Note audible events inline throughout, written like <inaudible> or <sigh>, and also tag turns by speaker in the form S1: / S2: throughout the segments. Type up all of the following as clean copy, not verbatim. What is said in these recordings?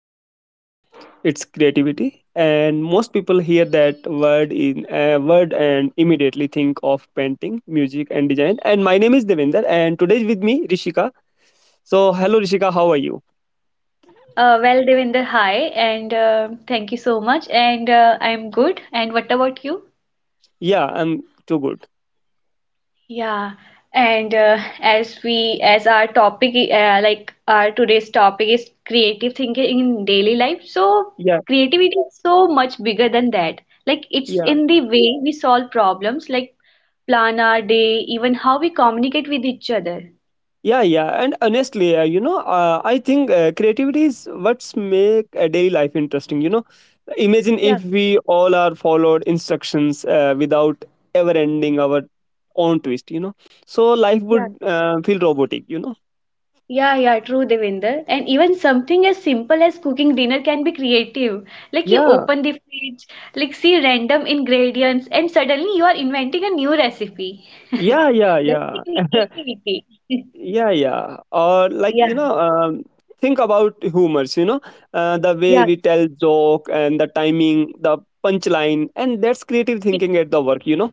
S1: misunderstood. It's creativity, and most people hear that word in word and immediately think of painting, music, and design. And my name is Devinder, and today with me Rishika. So, hello, Rishika. How are you?
S2: Well, Devinder, hi, and thank you so much. And I'm good. And what about you?
S1: Yeah, I'm too good.
S2: Yeah, and as our topic like our today's topic is creative thinking in daily life. So
S1: Yeah,
S2: creativity is so much bigger than that. Like it's
S1: yeah.
S2: in the way we solve problems, like plan our day, even how we communicate with each other.
S1: Yeah, yeah, and honestly, I think creativity is what's make daily life interesting. Imagine
S2: Yeah,
S1: if we all are followed instructions without ever ending our own twist. So life
S2: yeah.
S1: would feel robotic.
S2: Yeah, yeah, true, Devinder. And even something as simple as cooking dinner can be creative. Like you
S1: Yeah,
S2: open the fridge, like see random ingredients, and suddenly you are inventing a new recipe. <laughs>
S1: yeah, yeah,
S2: That's the
S1: yeah. <laughs>
S2: creativity. <laughs>
S1: Yeah, yeah, or like
S2: Yeah,
S1: think about humors. The way
S2: yeah.
S1: we tell joke and the timing the punchline, and that's creative thinking at the work.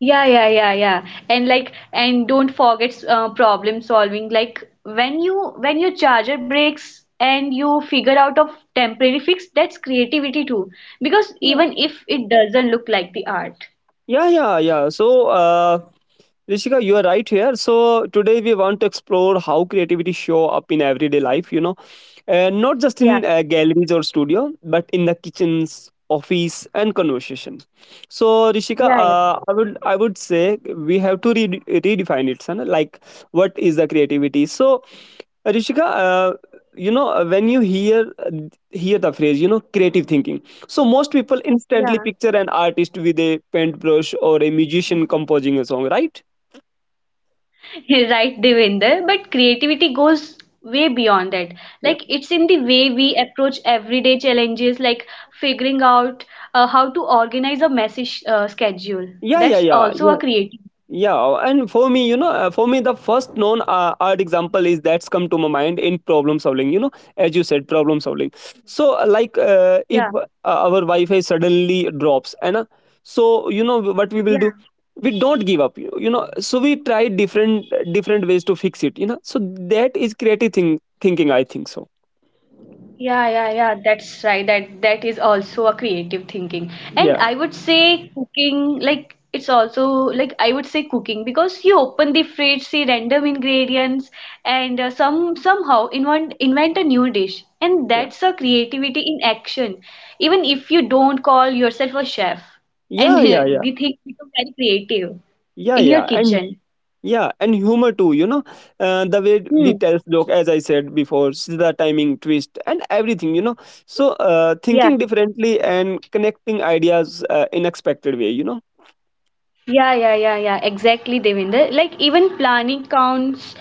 S2: Yeah, yeah, yeah, yeah. And like, and don't forget problem solving. Like when your charger breaks and you figure out of temporary fix, that's creativity too. Because
S1: Yeah,
S2: even if it doesn't look like the art.
S1: yeah, yeah, yeah. So Rishika, you are right here. So today we want to explore how creativity show up in everyday life. You know, not just in
S2: Yeah,
S1: galleries or studio, but in the kitchens, office, and conversation. So Rishika,
S2: yeah,
S1: I would say we have to redefine it, son. Like, what is the creativity? So Rishika, you know when you hear the phrase, you know, creative thinking. So most people
S2: yeah,
S1: instantly picture an artist with a paintbrush or a musician composing a song, right?
S2: <laughs> right, Devinder. But creativity goes way beyond that.
S1: Yeah,
S2: Like, it's in the way we approach everyday challenges, like figuring out how to organize a messy schedule.
S1: yeah, yeah,
S2: That's
S1: yeah,
S2: also
S1: yeah,
S2: a creative.
S1: yeah. Oh, and for me, you know, for me, the first known art example is that's come to my mind in problem solving. You know, as you said, problem solving. So, like,
S2: Yeah,
S1: if our Wi-Fi suddenly drops, and so you know what we will do,
S2: yeah.
S1: we don't give up. You know, so we try different ways to fix it. You know, so that is creative thinking. I think so.
S2: Yeah, yeah, yeah, that's right. That is also a creative thinking. And
S1: Yeah,
S2: I would say cooking, like it's also like I would say cooking because you open the fridge, see random ingredients, and somehow invent a new dish. And
S1: yeah,
S2: that's a creativity in action, even if you don't call yourself a chef. And <laughs>
S1: yeah, yeah, yeah,
S2: the thing become very creative
S1: yeah,
S2: in your
S1: yeah. And
S2: kitchen.
S1: yeah, and humor too, you know, the way we
S2: Hmm.
S1: tell joke, as I said before, the timing, twist, and everything, you know. So,
S2: Yeah,
S1: thinking differently and connecting ideas in expected way, you know.
S2: yeah, yeah, yeah, yeah. Exactly, Devinder. Like even planning counts.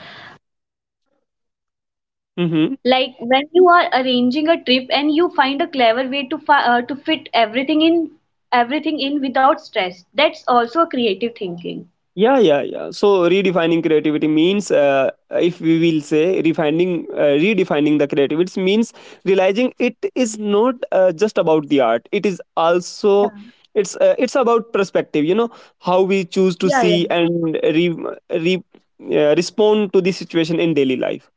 S1: Mm-hmm.
S2: Like when you are arranging a trip and you find a clever way to to fit everything in without stress. That's also a creative thinking.
S1: Yeah, yeah, yeah. So redefining creativity means, if we will say refining, redefining the creativity means realizing it is not just about the art. It is also it's about perspective. You know how we choose to
S2: Yeah, yeah.
S1: see and re, re respond to the situation in daily life.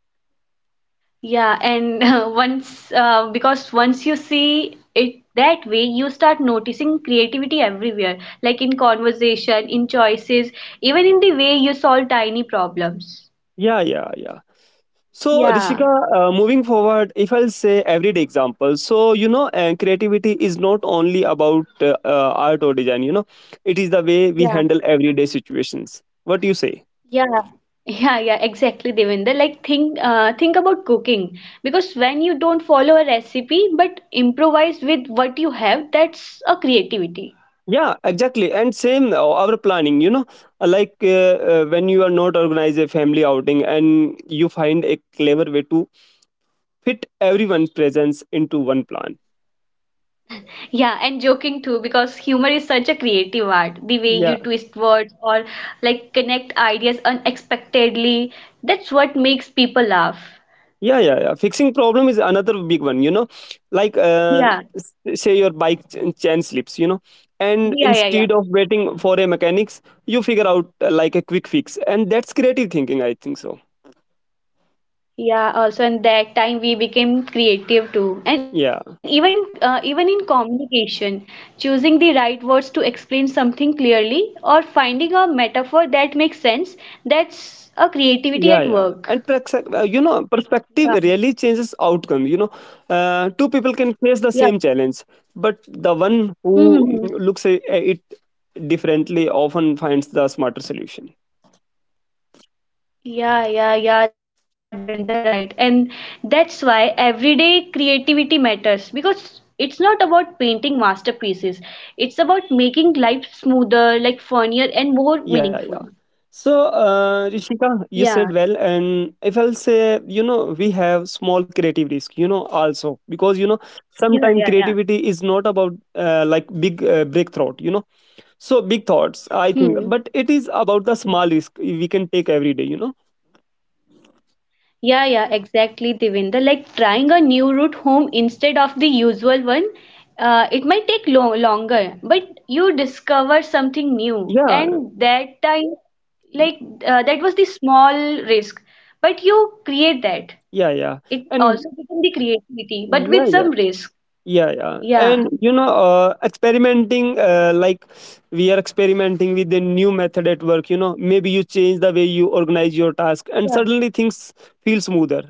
S2: Yeah, and <laughs> once because once you see it that way, you start noticing creativity everywhere, like in conversation, in choices, even in the way you solve tiny problems.
S1: Yeah, yeah, yeah. So, Rishika,
S2: Yeah,
S1: moving forward, if I'll say everyday examples, so you know, creativity is not only about art or design. You know, it is the way we
S2: yeah.
S1: handle everyday situations. What do you say?
S2: Yeah, <laughs> yeah, yeah, exactly, Devinder. Like think about cooking because when you don't follow a recipe but improvise with what you have, that's a creativity.
S1: Yeah, exactly. And same our planning. You know, Uh, like uh, when you are not organize a family outing and you find a clever way to fit everyone's presence into one plan.
S2: Yeah, and joking too because humor is such a creative art. The way
S1: Yeah.
S2: you twist words or like connect ideas unexpectedly, that's what makes people laugh.
S1: Yeah, yeah, yeah. Fixing problem is another big one. You know, like
S2: Yeah,
S1: s- say your bike chain slips. You know, and
S2: yeah, yeah,
S1: instead
S2: yeah.
S1: of waiting for a mechanics, you figure out like a quick fix, and that's creative thinking. I think so.
S2: Yeah, also in that time we became creative too. And even
S1: Yeah,
S2: even in communication, choosing the right words to explain something clearly or finding a metaphor that makes sense, that's a creativity at
S1: yeah,
S2: work.
S1: yeah. And you know,
S2: Yeah,
S1: perspective really changes outcome. You know, two people can
S2: yeah.
S1: face the same challenge, but the one
S2: Hmm.
S1: who looks at it differently often finds the smarter solution.
S2: Yeah, yeah, yeah, Devinder, right. And that's why everyday creativity matters because it's not about painting masterpieces. It's about making life smoother, like funnier and more meaningful.
S1: Yeah, yeah. So,
S2: Yeah.
S1: Rishika, you said well, and if I'll say, you know, we have small creative risk, you know, also because you know,
S2: Yeah, yeah, yeah.
S1: sometimes creativity is not about like big breakthrough, you know, so big thoughts, I think,
S2: Hmm.
S1: but it is about the small risk we can take every day, you know.
S2: Yeah, yeah, exactly, Devinder. Like trying a new route home instead of the usual one, it might take lo longer, but you discover something new,
S1: Yeah,
S2: and that time, like that was the small risk, but you create that.
S1: yeah, yeah,
S2: It
S1: and
S2: also become the creativity,
S1: yeah,
S2: but
S1: yeah.
S2: with some risk.
S1: Yeah, yeah, and you
S2: Yeah,
S1: know experimenting like we are experimenting with a new method at work, you know. Maybe you change the way you organize
S2: yeah,
S1: your task and suddenly things feel smoother.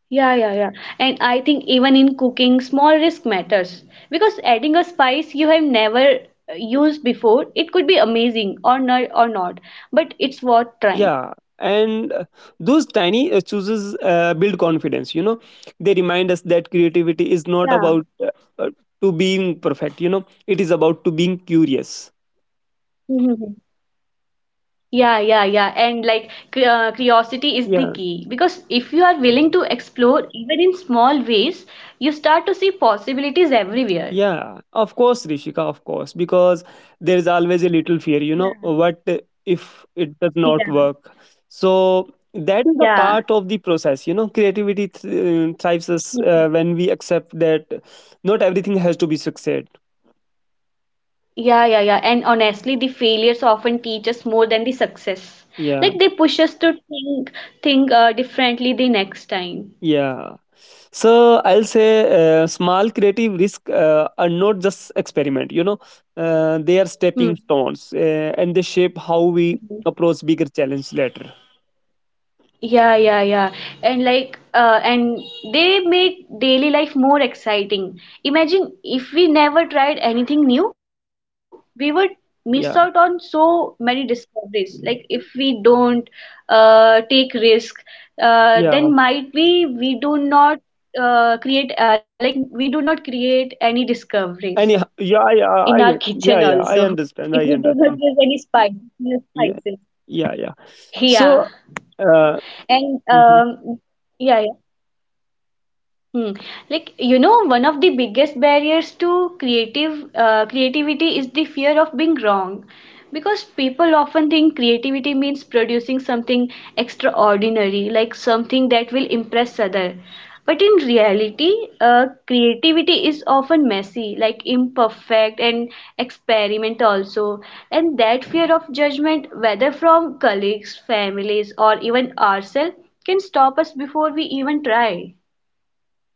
S2: yeah, yeah, yeah. And I think even in cooking, small risk matters because adding a spice you have never used before, it could be amazing or not, but it's worth
S1: Yeah,
S2: trying.
S1: and those tiny chooses build confidence, you know. They remind us that creativity is not
S2: Yeah.
S1: about uh, to being perfect, you know. It is about to being curious,
S2: Mhm. Yeah, yeah, yeah. And like curiosity is the
S1: yeah.
S2: key because if you are willing to explore even in small ways, you start to see possibilities everywhere.
S1: Yeah, of course, Rishika, of course, because there is always a little fear, you know,
S2: Yeah,
S1: what if it does not work?
S2: yeah,
S1: So that is the part of
S2: yeah.
S1: the process, you know, creativity thrives us when
S2: <laughs>
S1: we accept that not everything has to be succeed.
S2: Yeah, yeah, yeah. And honestly, the failures often teach us more than the success.
S1: Yeah.
S2: Like they push us to think differently the next time.
S1: Yeah. So I'll say small creative risk are not just experiment. You know, they are
S2: Hmm.
S1: stepping stones, and they shape how we
S2: Hmm.
S1: approach bigger challenge later.
S2: Yeah, yeah, yeah. And like, and they made daily life more exciting. Imagine if we never tried anything new, we would miss
S1: Yeah,
S2: out on so many discoveries. Like, if we don't take risk,
S1: yeah.
S2: then might we do not create like we do not create any discoveries
S1: Anyhow,
S2: in our
S1: yeah,
S2: kitchen
S1: yeah. I
S2: also. <laughs>
S1: understand.
S2: If
S1: I
S2: we do not
S1: understand.
S2: use any spice, new
S1: Yeah,
S2: spices.
S1: yeah, yeah.
S2: Yeah,
S1: So, uh,
S2: and
S1: mm-hmm.
S2: yeah. Yeah. Hmm. Like you know, one of the biggest barriers to creative creativity is the fear of being wrong, because people often think creativity means producing something extraordinary, like something that will impress others. But in reality, creativity is often messy, like imperfect and experiment also. And that fear of judgment, whether from colleagues, families, or even ourselves, can stop us before we even try.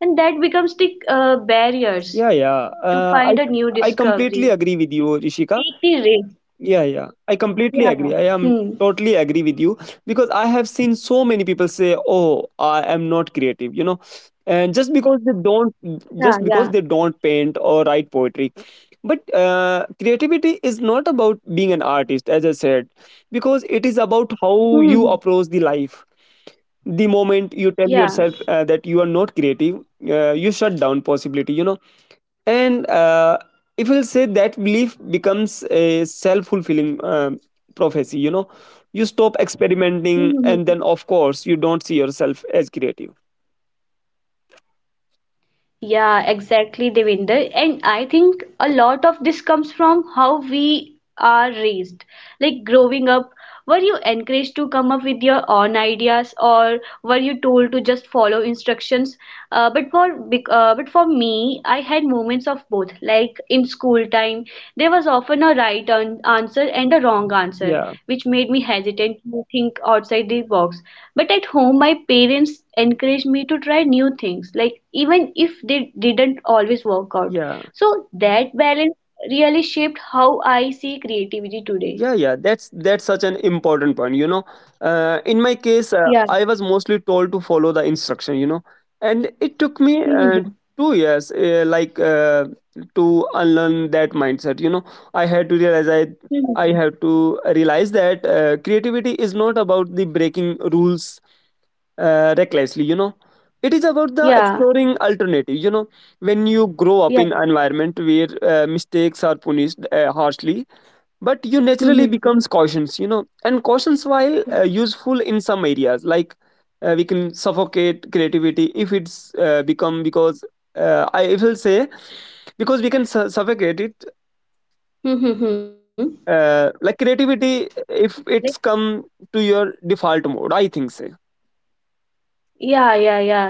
S2: And that becomes the barriers
S1: Yeah, yeah.
S2: to
S1: I
S2: find a new
S1: I completely
S2: discovery.
S1: agree with you, Rishika.
S2: Take the risk.
S1: Yeah, yeah. I completely
S2: Yeah.
S1: agree. I am
S2: Hmm.
S1: totally agree with you because I have seen so many people say, "Oh, I am not creative," you know, and
S2: Yeah,
S1: just
S2: yeah.
S1: because they don't paint or write poetry. But creativity is not about being an artist, as I said, because it is about how you approach the
S2: Hmm.
S1: life. The moment you tell yourself
S2: Yeah.
S1: that you are not creative, you shut down possibility. You know, and if we will say that belief becomes a self-fulfilling prophecy, you know. You stop experimenting, and then of
S2: Hmm.
S1: course you don't see yourself as creative.
S2: Yeah, exactly, Devinder. And I think a lot of this comes from how we are raised. Like growing up, were you encouraged to come up with your own ideas, or were you told to just follow instructions? But for me, I had moments of both. Like in school time, there was often a right answer and a wrong answer,
S1: Yeah,
S2: which made me hesitant to think outside the box. But at home, my parents encouraged me to try new things, like even if they didn't always work out.
S1: yeah,
S2: So that balance really shaped how I see creativity today.
S1: yeah, yeah. That's such an important point, you know. In my case,
S2: Yeah.
S1: I was mostly told to follow the instruction, you know, and it took me 2 years to unlearn that mindset, you know. I had to realize I have to
S2: <laughs>
S1: realize that creativity is not about the breaking rules recklessly, you know. It is about the exploring
S2: Yeah.
S1: alternative, you know. When you grow up in environment
S2: Yeah.
S1: where mistakes are punished harshly, but you naturally becomes cautious, you know. And
S2: <laughs>
S1: cautions while useful in some areas, like we can suffocate creativity if it's become because I will say because we can suffocate it
S2: Hmm, hmm,
S1: like
S2: hmm.
S1: creativity if it's come to your default mode, I think so.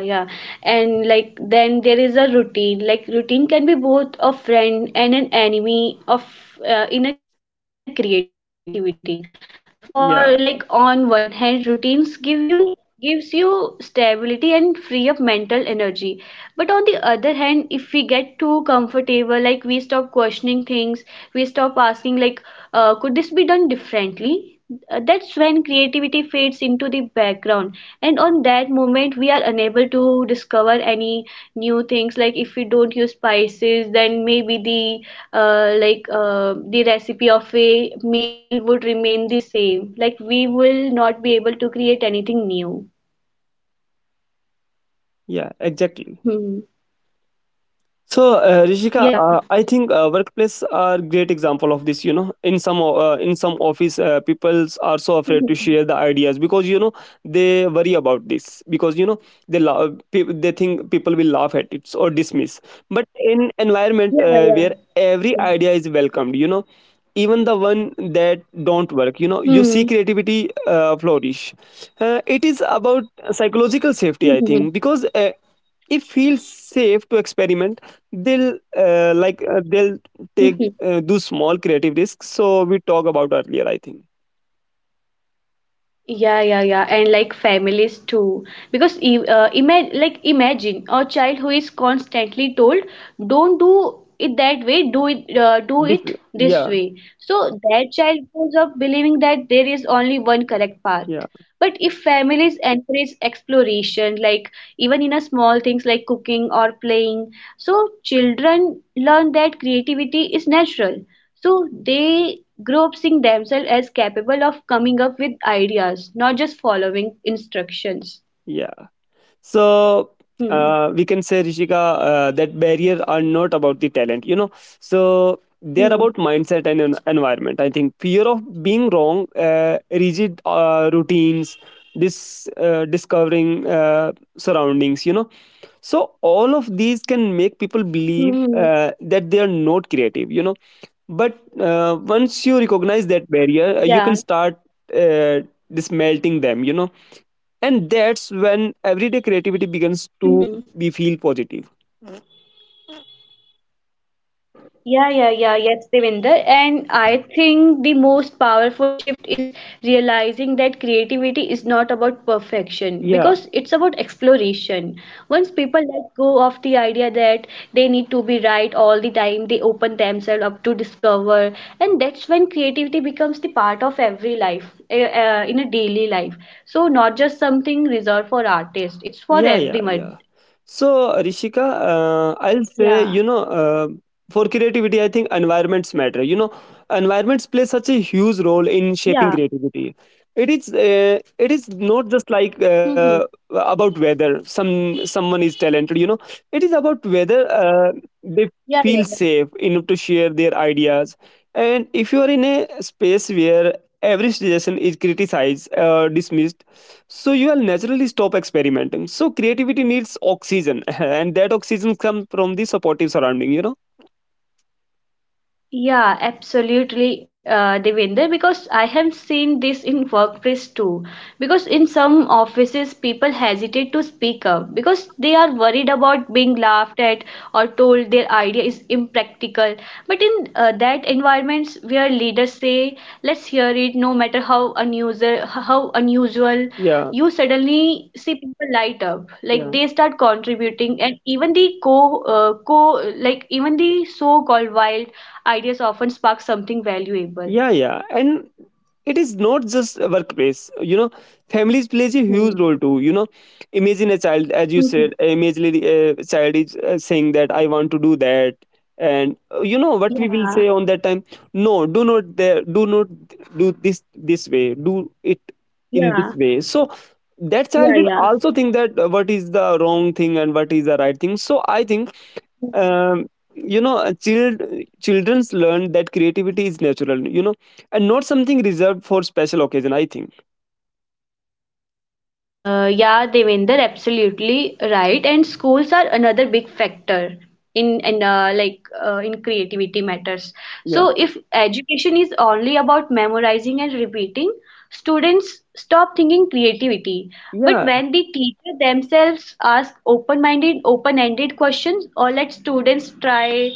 S2: Yeah, yeah, yeah, yeah. And like then there is a routine. Like routine can be both a friend and an enemy of inner creativity.
S1: Yeah,
S2: For like on one hand, routines gives you stability and free up mental energy. But on the other hand, if we get too comfortable, like we stop questioning things, we stop asking like, could this be done differently? That's when creativity fades into the background and on that moment we are unable to discover any new things like if we don't use spices then maybe the recipe of a meal would remain the same like we will not be able to create anything new.
S1: yeah, exactly.
S2: Hmm.
S1: So, Rishika,
S2: Yeah.
S1: I think workplace are great example of this. You know, in in some office, people are
S2: <laughs>
S1: so afraid to
S2: Mhm.
S1: share the ideas because you know they worry about this because you know they think people will laugh at it or dismiss. But in environment where
S2: Yeah,
S1: every idea is welcomed, you know, even the one that don't work, you know, you
S2: yeah.
S1: see creativity flourish. It is about psychological safety, I think, because. It feels safe to experiment they'll they'll
S2: Hmm. <laughs>
S1: take do small creative risks, so we talked about earlier, I think
S2: Yeah, yeah, yeah, and like families too, because imagine a child who is constantly told, "Don't do it that way, do
S1: this.
S2: it this
S1: Yeah,
S2: way." So that child grows up believing that there is only one correct path.
S1: yeah,
S2: But if families encourage exploration, like even in a small things like cooking or playing, so children learn that creativity is natural so they grew up seeing themselves as capable of coming up with ideas, not just following instructions.
S1: yeah. So we
S2: Hmm.
S1: can say Rishika, that barrier are not about the talent, you know. So they are about mindset and
S2: Hmm.
S1: environment, I think. Fear of being wrong, rigid routines, this discovering surroundings, you know. So all of these can make
S2: Hmm.
S1: people
S2: Hmm.
S1: believe that they are not creative, you know. But once you recognize that
S2: Yeah.
S1: barrier, you can start uh, dismelting them, you know. And that's when everyday creativity
S2: Hmm. Hmm.
S1: begins to be feel positive.
S2: Yeah, yeah, yeah, yes, Devinder. And I think the most powerful shift is realizing that creativity is not about perfection because it's about exploration. Once people let go of the idea that they need to be right all the time, they open themselves up to discover, and that's when creativity becomes the part of every life, in a daily life. So, not just something reserved for artists, it's for
S1: Yeah, yeah, yeah.
S2: everyone.
S1: So, Rishika, I'll say,
S2: Yeah,
S1: you know, for creativity, I think environments matter. You know, environments play such a huge role in shaping
S2: yeah.
S1: creativity. It is not just like
S2: Mm-hmm.
S1: about whether someone is talented. You know, it is about whether they
S2: Yeah, yeah,
S1: feel
S2: yeah.
S1: safe enough to share their ideas. And if you are in a space where every suggestion is criticized,
S2: Yeah.
S1: dismissed, so you will naturally stop experimenting. So creativity needs oxygen, <laughs> and that oxygen comes from the supportive surrounding. You know.
S2: Yeah, absolutely, Devinder, because I have seen this in workplace too. Because in some offices, people hesitate to speak up because they are worried about being laughed at or told their idea is impractical. But in that environments where leaders say, "Let's hear it," no matter how unusual,
S1: Yeah.
S2: you suddenly see people light up. Like
S1: Yeah.
S2: they start contributing, and even the co, co, like even the so-called wild ideas often spark something valuable.
S1: Yeah, yeah. And it is not just a workplace. You know, families plays a huge role
S2: Hmm.
S1: too. You know, imagine a child, as you said,
S2: Mhm.
S1: imagine a child is saying that I want to do that. And you know what we will say
S2: Yeah,
S1: on that time? No, do not there, do not do this way. Do it in this
S2: yeah,
S1: way. So that child
S2: yeah,
S1: will
S2: yeah.
S1: also think that what is the wrong thing and what is the right thing. So I think um, you know children's learn that creativity is natural, you know, and not something reserved for special occasion, I think.
S2: Yeah, Devinder, absolutely right. And schools are another big factor in and in creativity matters.
S1: Yeah,
S2: So if education is only about memorizing and repeating, students stop thinking creativity. But
S1: yeah,
S2: when the teacher themselves ask open-minded, open-ended questions or let students try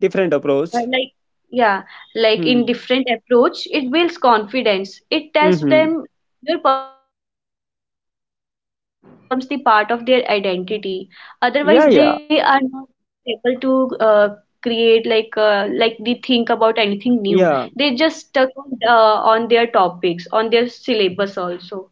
S1: different
S2: Uh,
S1: approach.
S2: like yeah like in
S1: Hmm.
S2: different approach it builds confidence it tells
S1: Mm-hmm.
S2: them your perspective matters that's how creativity becomes the part of their identity
S1: Yeah, yeah,
S2: otherwise they are not able to uh, create like they think about anything new
S1: yeah.
S2: they just stuck on their topics on their syllabus also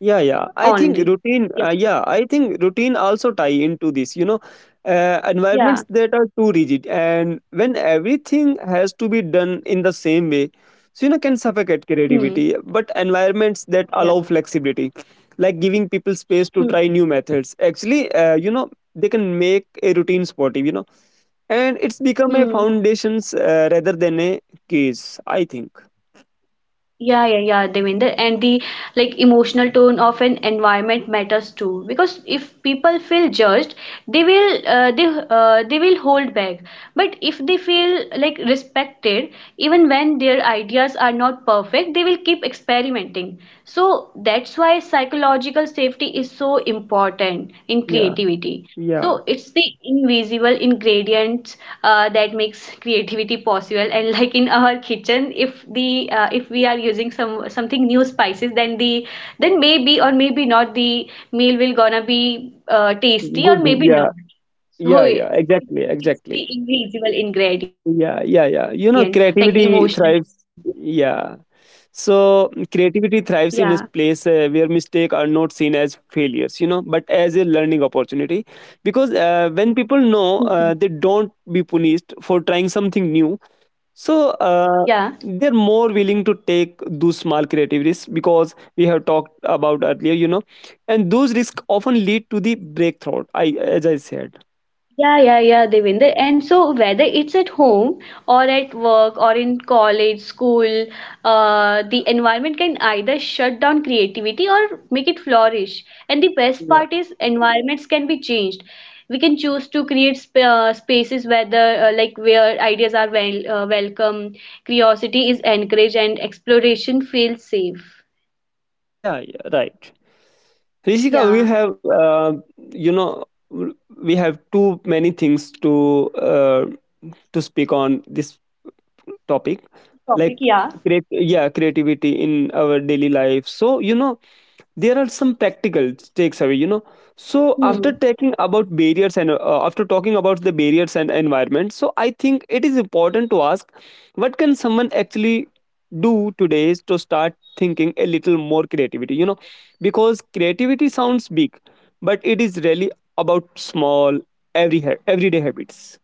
S1: Yeah, yeah. I think
S2: only.
S1: routine,
S2: Yeah,
S1: yeah, I think routine also tie into this, you know, environments
S2: yeah.
S1: that are too rigid, and when everything has to be done in the same way, so, you know, can suffocate
S2: Hmm.
S1: creativity. But environments
S2: Yeah.
S1: that allow flexibility, like giving people space
S2: Hmm.
S1: to try new methods, actually, you know, they can make a routine sportive, you know, and it's become a
S2: Hmm.
S1: foundations rather than a case, I think.
S2: Yeah, yeah, yeah, Devinder. And the like emotional tone of an environment matters too. Because if people feel judged, they will hold back. But if they feel like respected, even when their ideas are not perfect, they will keep experimenting. So that's why psychological safety is so important in
S1: Yeah,
S2: creativity.
S1: yeah.
S2: So it's the invisible ingredients that makes creativity possible. And like in our kitchen, if the if we are using some something new spices, then the then maybe or maybe not the meal will gonna be tasty
S1: Good.
S2: or maybe
S1: Yeah,
S2: not.
S1: yeah,
S2: So
S1: yeah.
S2: it,
S1: Exactly,
S2: it's the
S1: exactly.
S2: invisible ingredient,
S1: Yeah,
S2: like the
S1: yeah, yeah.
S2: emotional
S1: You know,
S2: food.
S1: creativity thrives. Yeah. So
S2: Yeah.
S1: creativity thrives in a place where mistakes are not seen as failures, but as a learning opportunity. Because when
S2: Mhm.
S1: people know they don't be punished for trying something new, so
S2: Yeah.
S1: they're more willing to take those small creative risks because we have talked about earlier, you know, and those risks often lead to the breakthrough. As I said,
S2: Yeah, yeah, yeah, Devinder. And so whether it's at home or at work or in college, school, the environment can either shut down creativity or make it flourish. And the best
S1: yeah,
S2: part is environments can be changed. We can choose to create sp spaces whether like where ideas are welcome, curiosity is encouraged, and exploration feels safe.
S1: yeah, yeah, right. Rishika, we
S2: Yeah.
S1: have, you know, we have too many things to speak on this topic,
S2: Topic,
S1: like
S2: yeah.
S1: create, yeah, creativity in our daily life. So you know, there are some practical takes away, you know. So after
S2: Hmm.
S1: talking about barriers and after talking about the barriers and environment, so I think it is important to ask what can someone actually do today is to start thinking a little more creativity, you know, because creativity sounds big but it is really about small everyday habits.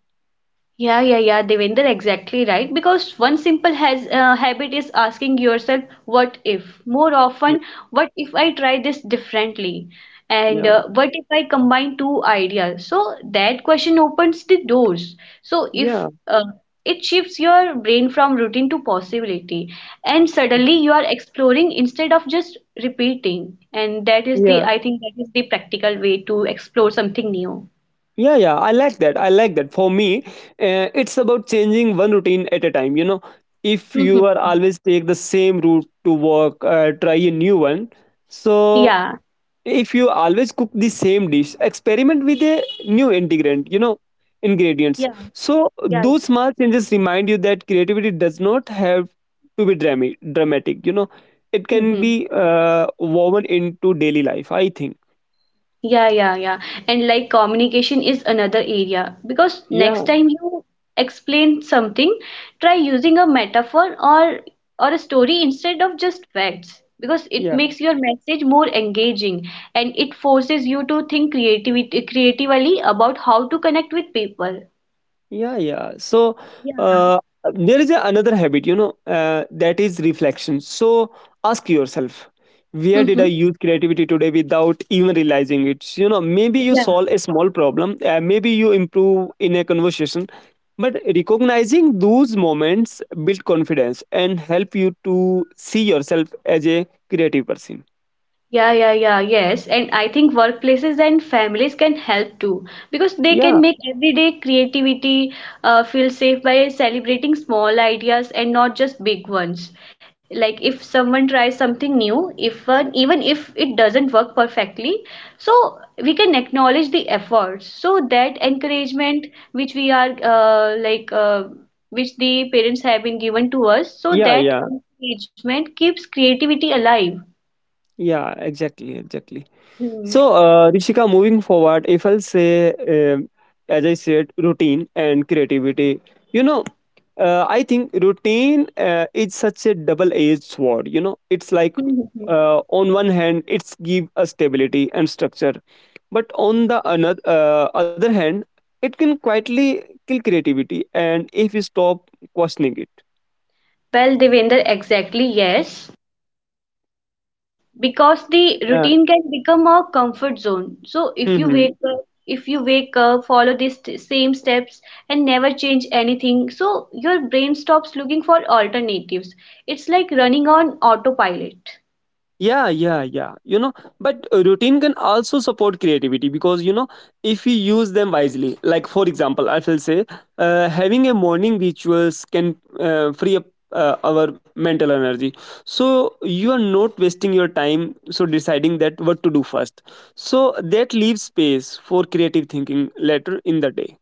S2: Yeah, yeah, yeah, Devender, exactly right. Because one simple has habit is asking yourself, "What if?" More
S1: Yeah,
S2: often, "What if I try this differently?" And
S1: yeah,
S2: "What if I combine two ideas?" So that question opens the doors. So
S1: yeah,
S2: if It shifts your brain from routine to possibility, and suddenly you are exploring instead of just repeating. And
S1: yeah.
S2: I think, that is the practical way to explore something new.
S1: Yeah, yeah, I like that. I like that. For me, it's about changing one routine at a time. You know, if you are
S2: Hmm.
S1: always take the same route to work, try a new one. So
S2: Yeah,
S1: if you always cook the same dish, experiment with a new ingredient. You know, ingredients.
S2: yeah,
S1: So
S2: yeah, yeah.
S1: those small changes remind you that creativity does not have to be dramatic. Dramatic. You know, it can
S2: Mhm.
S1: be woven into daily life, I think.
S2: Yeah, yeah, yeah. And like communication is another area because next
S1: Yeah.
S2: time you explain something, try using a metaphor or a story instead of just facts because it
S1: Yeah.
S2: makes your message more engaging and it forces you to think creativity creatively about how to connect with people.
S1: Yeah, yeah. So
S2: Yeah.
S1: uh, there is a, another habit, you know, that is reflection. So ask yourself, where did I
S2: Mm-hmm.
S1: use creativity today without even realizing it? You know, maybe you solve a small problem, maybe you improve in a conversation, but recognizing those moments build confidence and help you to see yourself as a creative person.
S2: Yeah, yeah, yeah, yes. And I think workplaces and families can help too because they can
S1: Yeah,
S2: make everyday creativity feel safe by celebrating small ideas and not just big ones. Like if someone tries something new, if even if it doesn't work perfectly, so we can acknowledge the efforts. So that encouragement which we are like which the parents have been given to us, so
S1: yeah,
S2: that
S1: yeah,
S2: encouragement keeps creativity alive.
S1: yeah, exactly, exactly.
S2: Hmm.
S1: So, Rishika, moving forward, if I'll say, as I said, routine and creativity, you know, I think routine is such a double edged sword. You know, it's like
S2: Mhm, mhm.
S1: on one hand, it's give us stability and structure, but on the another, other hand, it can quietly kill creativity and if we stop questioning it.
S2: Well, Devender, exactly, yes. Because the
S1: Uh,
S2: routine can become a comfort zone. So
S1: mm-hmm.
S2: if you wake up, follow these same steps and never change anything, so your brain stops looking for alternatives. It's like running on autopilot.
S1: Yeah, yeah, yeah. You know, but a routine can also support creativity because, you know, if you use them wisely, like for example, I will say having a morning rituals can free up our mental energy. So you are not wasting your time. So deciding that what to do first. So that leaves space for creative thinking later in the day.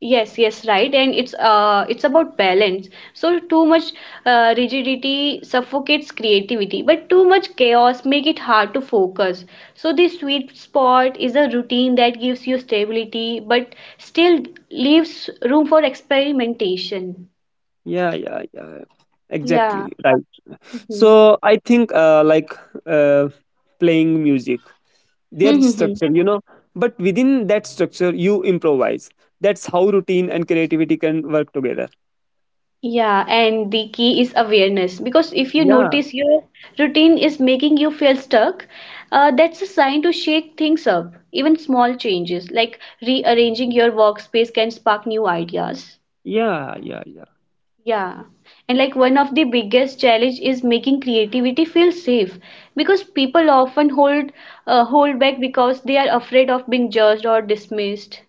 S2: Yes, yes, right. And it's about balance. So too much rigidity suffocates creativity, but too much chaos make it hard to focus. So the sweet spot is a routine that gives you stability, but still leaves room for experimentation.
S1: Yeah, yeah, yeah.
S2: Yeah.
S1: Exactly. Right.
S2: Mm-hmm.
S1: So I think like uh, playing music there is
S2: Mm-hmm.
S1: structure, you know, but within that structure you improvise. That's how routine and creativity can work together.
S2: Yeah, and the key is awareness because if you
S1: Yeah,
S2: notice your routine is making you feel stuck, that's a sign to shake things up. Even small changes like rearranging your workspace can spark new ideas.
S1: yeah, yeah, yeah,
S2: Yeah. And like one of the biggest challenge is making creativity feel safe because people often hold back because they are afraid of being judged or dismissed.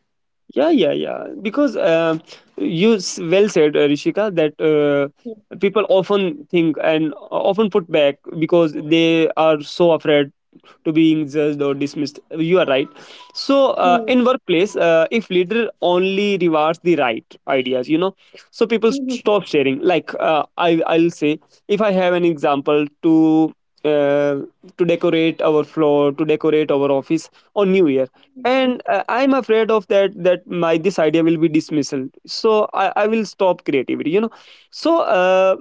S1: yeah, yeah, yeah, because you well said, Rishika, that
S2: Hmm.
S1: people often think and often put back because they are so afraid to being judged or dismissed. You are right. So in workplace, if leader only rewards the right ideas, you know, so people
S2: Hmm. <laughs>
S1: stop sharing. Like I'll say, if I have an example uh, to decorate our floor, to decorate our office on new year, and I'm afraid of that that my this idea will be dismissal, so I will stop creativity, you know. So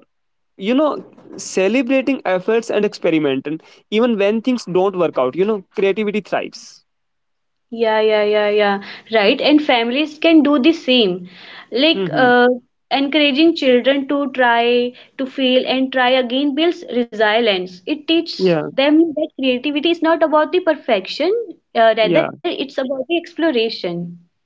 S1: you know celebrating efforts and experimenting, even when things don't work out, you know creativity thrives.
S2: Yeah, yeah, yeah, yeah. Right. And families can do the same. Like
S1: Mm-hmm.
S2: uh, Encouraging children to try, to fail, and try again builds resilience. It teaches
S1: Yeah,
S2: them that creativity is not about the perfection, rather,
S1: yeah.
S2: it's about the exploration.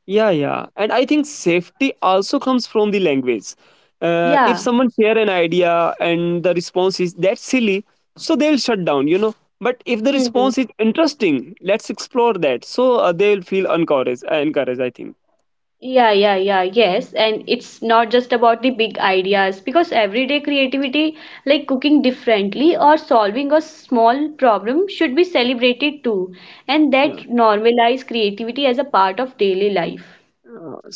S1: Yeah, yeah. And I think safety also comes from the language. If
S2: Yeah.
S1: someone share an idea and the response is that's silly, so they'll shut down, you know. But if the
S2: Hmm.
S1: response is interesting, let's explore that. So they'll feel encouraged, encouraged, I think.
S2: Yeah, yeah, yeah, yes. And it's not just about the big ideas because everyday creativity, like cooking differently or solving a small problem, should be celebrated too. And that
S1: Yeah.
S2: normalize creativity as a part of daily life.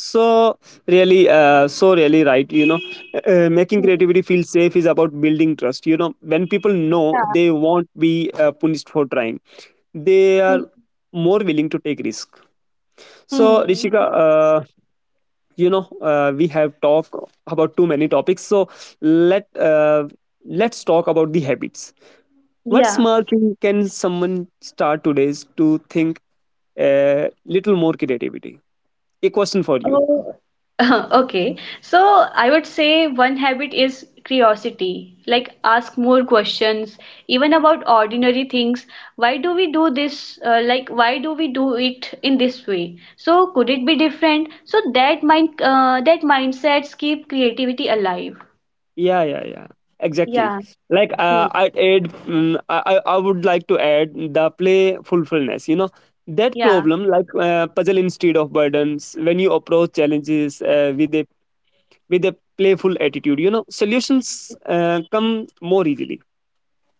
S1: So really so really right, you know. Making
S2: Hmm.
S1: creativity feel safe is about building trust, you know. When people know
S2: Yeah.
S1: they won't be punished for trying, they
S2: Hmm.
S1: are more willing to take risk. So
S2: Hmm.
S1: Rishika, you know, we have talked about too many topics. So let uh, let's talk about the habits. What
S2: Yeah.
S1: small thing can someone start today to think a little more creativity? A question for you.
S2: Oh, <laughs> okay. So I would say one habit is curiosity, like ask more questions, even about ordinary things. Why do we do this? Why do we do it in this way? So could it be different? So that that mindsets keep creativity alive.
S1: Yeah, yeah, yeah. Exactly.
S2: Yeah.
S1: Like
S2: Hmm.
S1: I'd add, I would like to add the playfulness. You know, that
S2: Yeah.
S1: problem, like puzzle instead of burdens. When you approach challenges with a playful attitude, you know, solutions come more easily.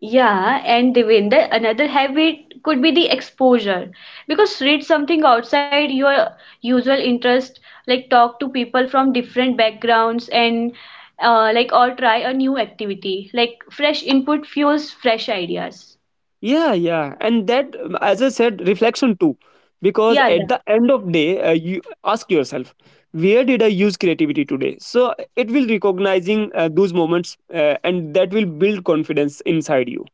S2: Yeah, and Devin, the another habit could be the exposure because read something outside your usual interest, like talk to people from different backgrounds and or try a new activity. Like fresh input fuels fresh ideas.
S1: Yeah, yeah, and that, as I said, reflection too, because
S2: Yeah, yeah.
S1: at the end of day, you ask yourself, where did I use creativity today? So it will recognizing those moments, and that will build confidence inside you.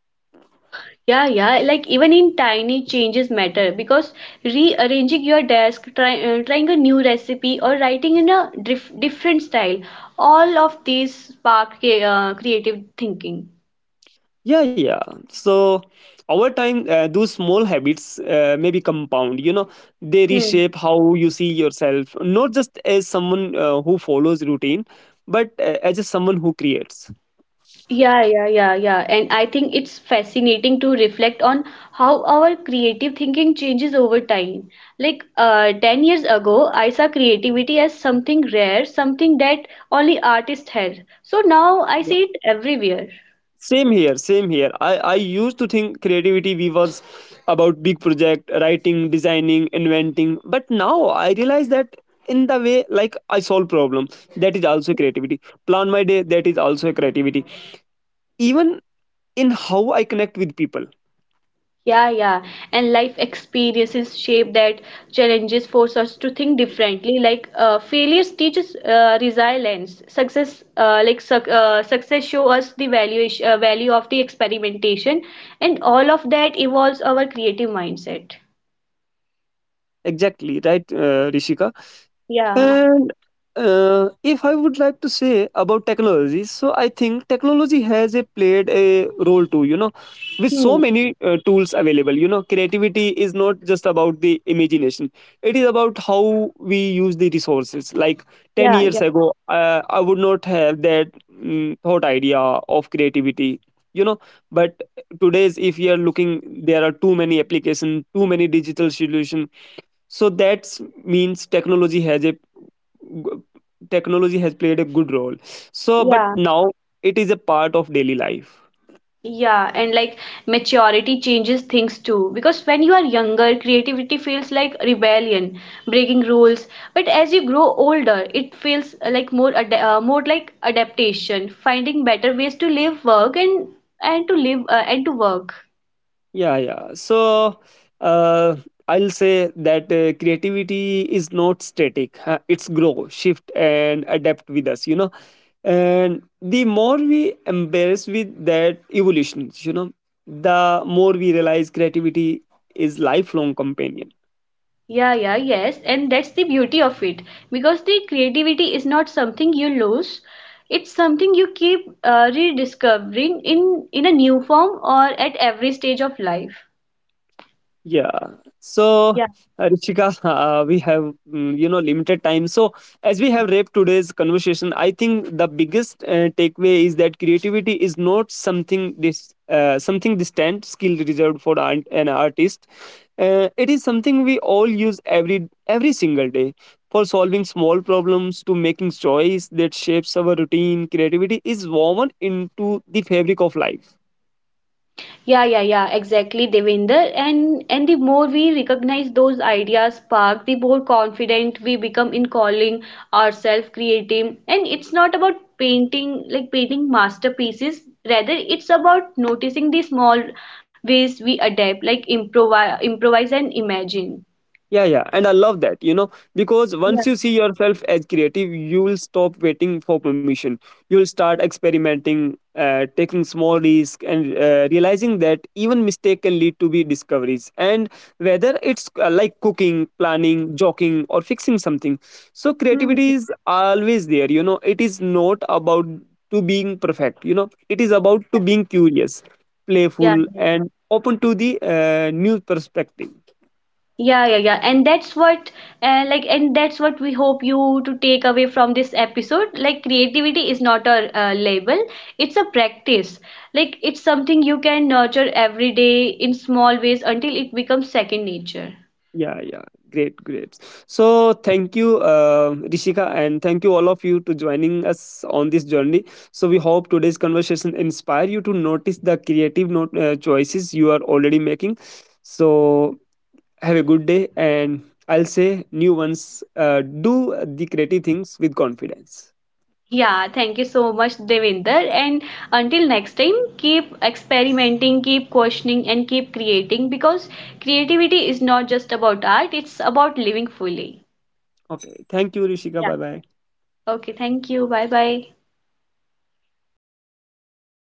S2: Yeah, yeah, like even in tiny changes matter because rearranging your desk, trying a new recipe, or writing in a different style, all of these spark creative thinking.
S1: Yeah, yeah. So over time those small habits maybe compound, you know. They
S2: Hmm.
S1: reshape how you see yourself, not just as someone who follows routine but as a someone who creates.
S2: Yeah, yeah, yeah, yeah. And I think it's fascinating to reflect on how our creative thinking changes over time. 10 years ago, I saw creativity as something rare, something that only artists had. So now I
S1: Yeah,
S2: see it everywhere.
S1: same here, same here. I used to think creativity we was about big project, writing, designing, inventing, but now I realize that in the way like I solve problem, that is also creativity. Plan my day, that is also a creativity. Even in how I connect with people.
S2: Yeah, yeah. And life experiences shape that challenges force us to think differently. Failures teach us resilience. Success, like suc Success, show us value of the experimentation, and all of that evolves our creative mindset.
S1: Yeah, exactly right, Rishika.
S2: Yeah.
S1: And if I would like to say about technology, so I think technology has a played a role too. You know, with so
S2: Hmm.
S1: many tools available, you know, creativity is not just about the imagination. It is about how we use the resources. Like ten
S2: Yeah.
S1: years
S2: Yeah.
S1: ago, I would not have that thought idea of creativity. You know, but today's if you are looking, there are too many application, too many digital solution, so that means technology has played a good role. So but
S2: Yeah.
S1: now it is a part of daily life.
S2: Yeah, and like maturity changes things too. Because when you are younger, creativity feels like rebellion, breaking rules. But as you grow older, it feels like more ad more like adaptation, finding better ways to live, work, and to live and to work.
S1: Yeah, yeah. So uh, I'll say that creativity is not static. Huh? It's grow, shift, and adapt with us. You know, and the more we embrace with that evolution, you know, the more we realize creativity is lifelong companion.
S2: Yeah, yeah, yes, and that's the beauty of it. Because the creativity is not something you lose. It's something you keep rediscovering in a new form or at every stage of life.
S1: Yeah. So, Ruchika, <laughs> we have you know, limited time. So, as we have wrapped today's conversation, I think the biggest takeaway is that creativity is not something distant skill reserved for art, an artist. It is something we all use every single day for solving small problems to making choice that shapes our routine. Creativity is woven into the fabric of life.
S2: Yeah, yeah, yeah, exactly, Devinder. And the more we recognize those ideas spark, the more confident we become in calling ourselves creative. And it's not about painting masterpieces. Rather, it's about noticing the small ways we adapt, like improvise and imagine.
S1: Yeah, yeah, and I love that, you know, because
S2: Yeah.
S1: once you see yourself as creative, you'll stop waiting for permission. You'll start experimenting, taking small risks, and realizing that even mistake can lead to be discoveries. And whether it's like cooking, planning, joking, or fixing something, so
S2: Hmm, hmm, hmm.
S1: creativity is always there. You know, it is not about to being perfect. You know, it is about to being curious,
S2: Yeah.
S1: playful,
S2: Yeah.
S1: and open to the new perspective.
S2: Yeah, yeah, yeah. And and that's what we hope you to take away from this episode. Like, creativity is not a label, it's a practice. Like, it's something you can nurture every day in small ways until it becomes second nature.
S1: Yeah, yeah. Great, great. So thank you, Rishika, and thank you all of you to joining us on this journey. So we hope today's conversation inspire you to notice the creative not- choices you are already making. So have a good day, and I'll say new ones. Do the creative things with confidence.
S2: Yeah, thank you so much, Devinder. And until next time, keep experimenting, keep questioning, and keep creating because creativity is not just about art, it's about living fully.
S1: Okay thank you Rishika bye
S2: Yeah.
S1: Bye
S2: Okay, thank you. Bye bye.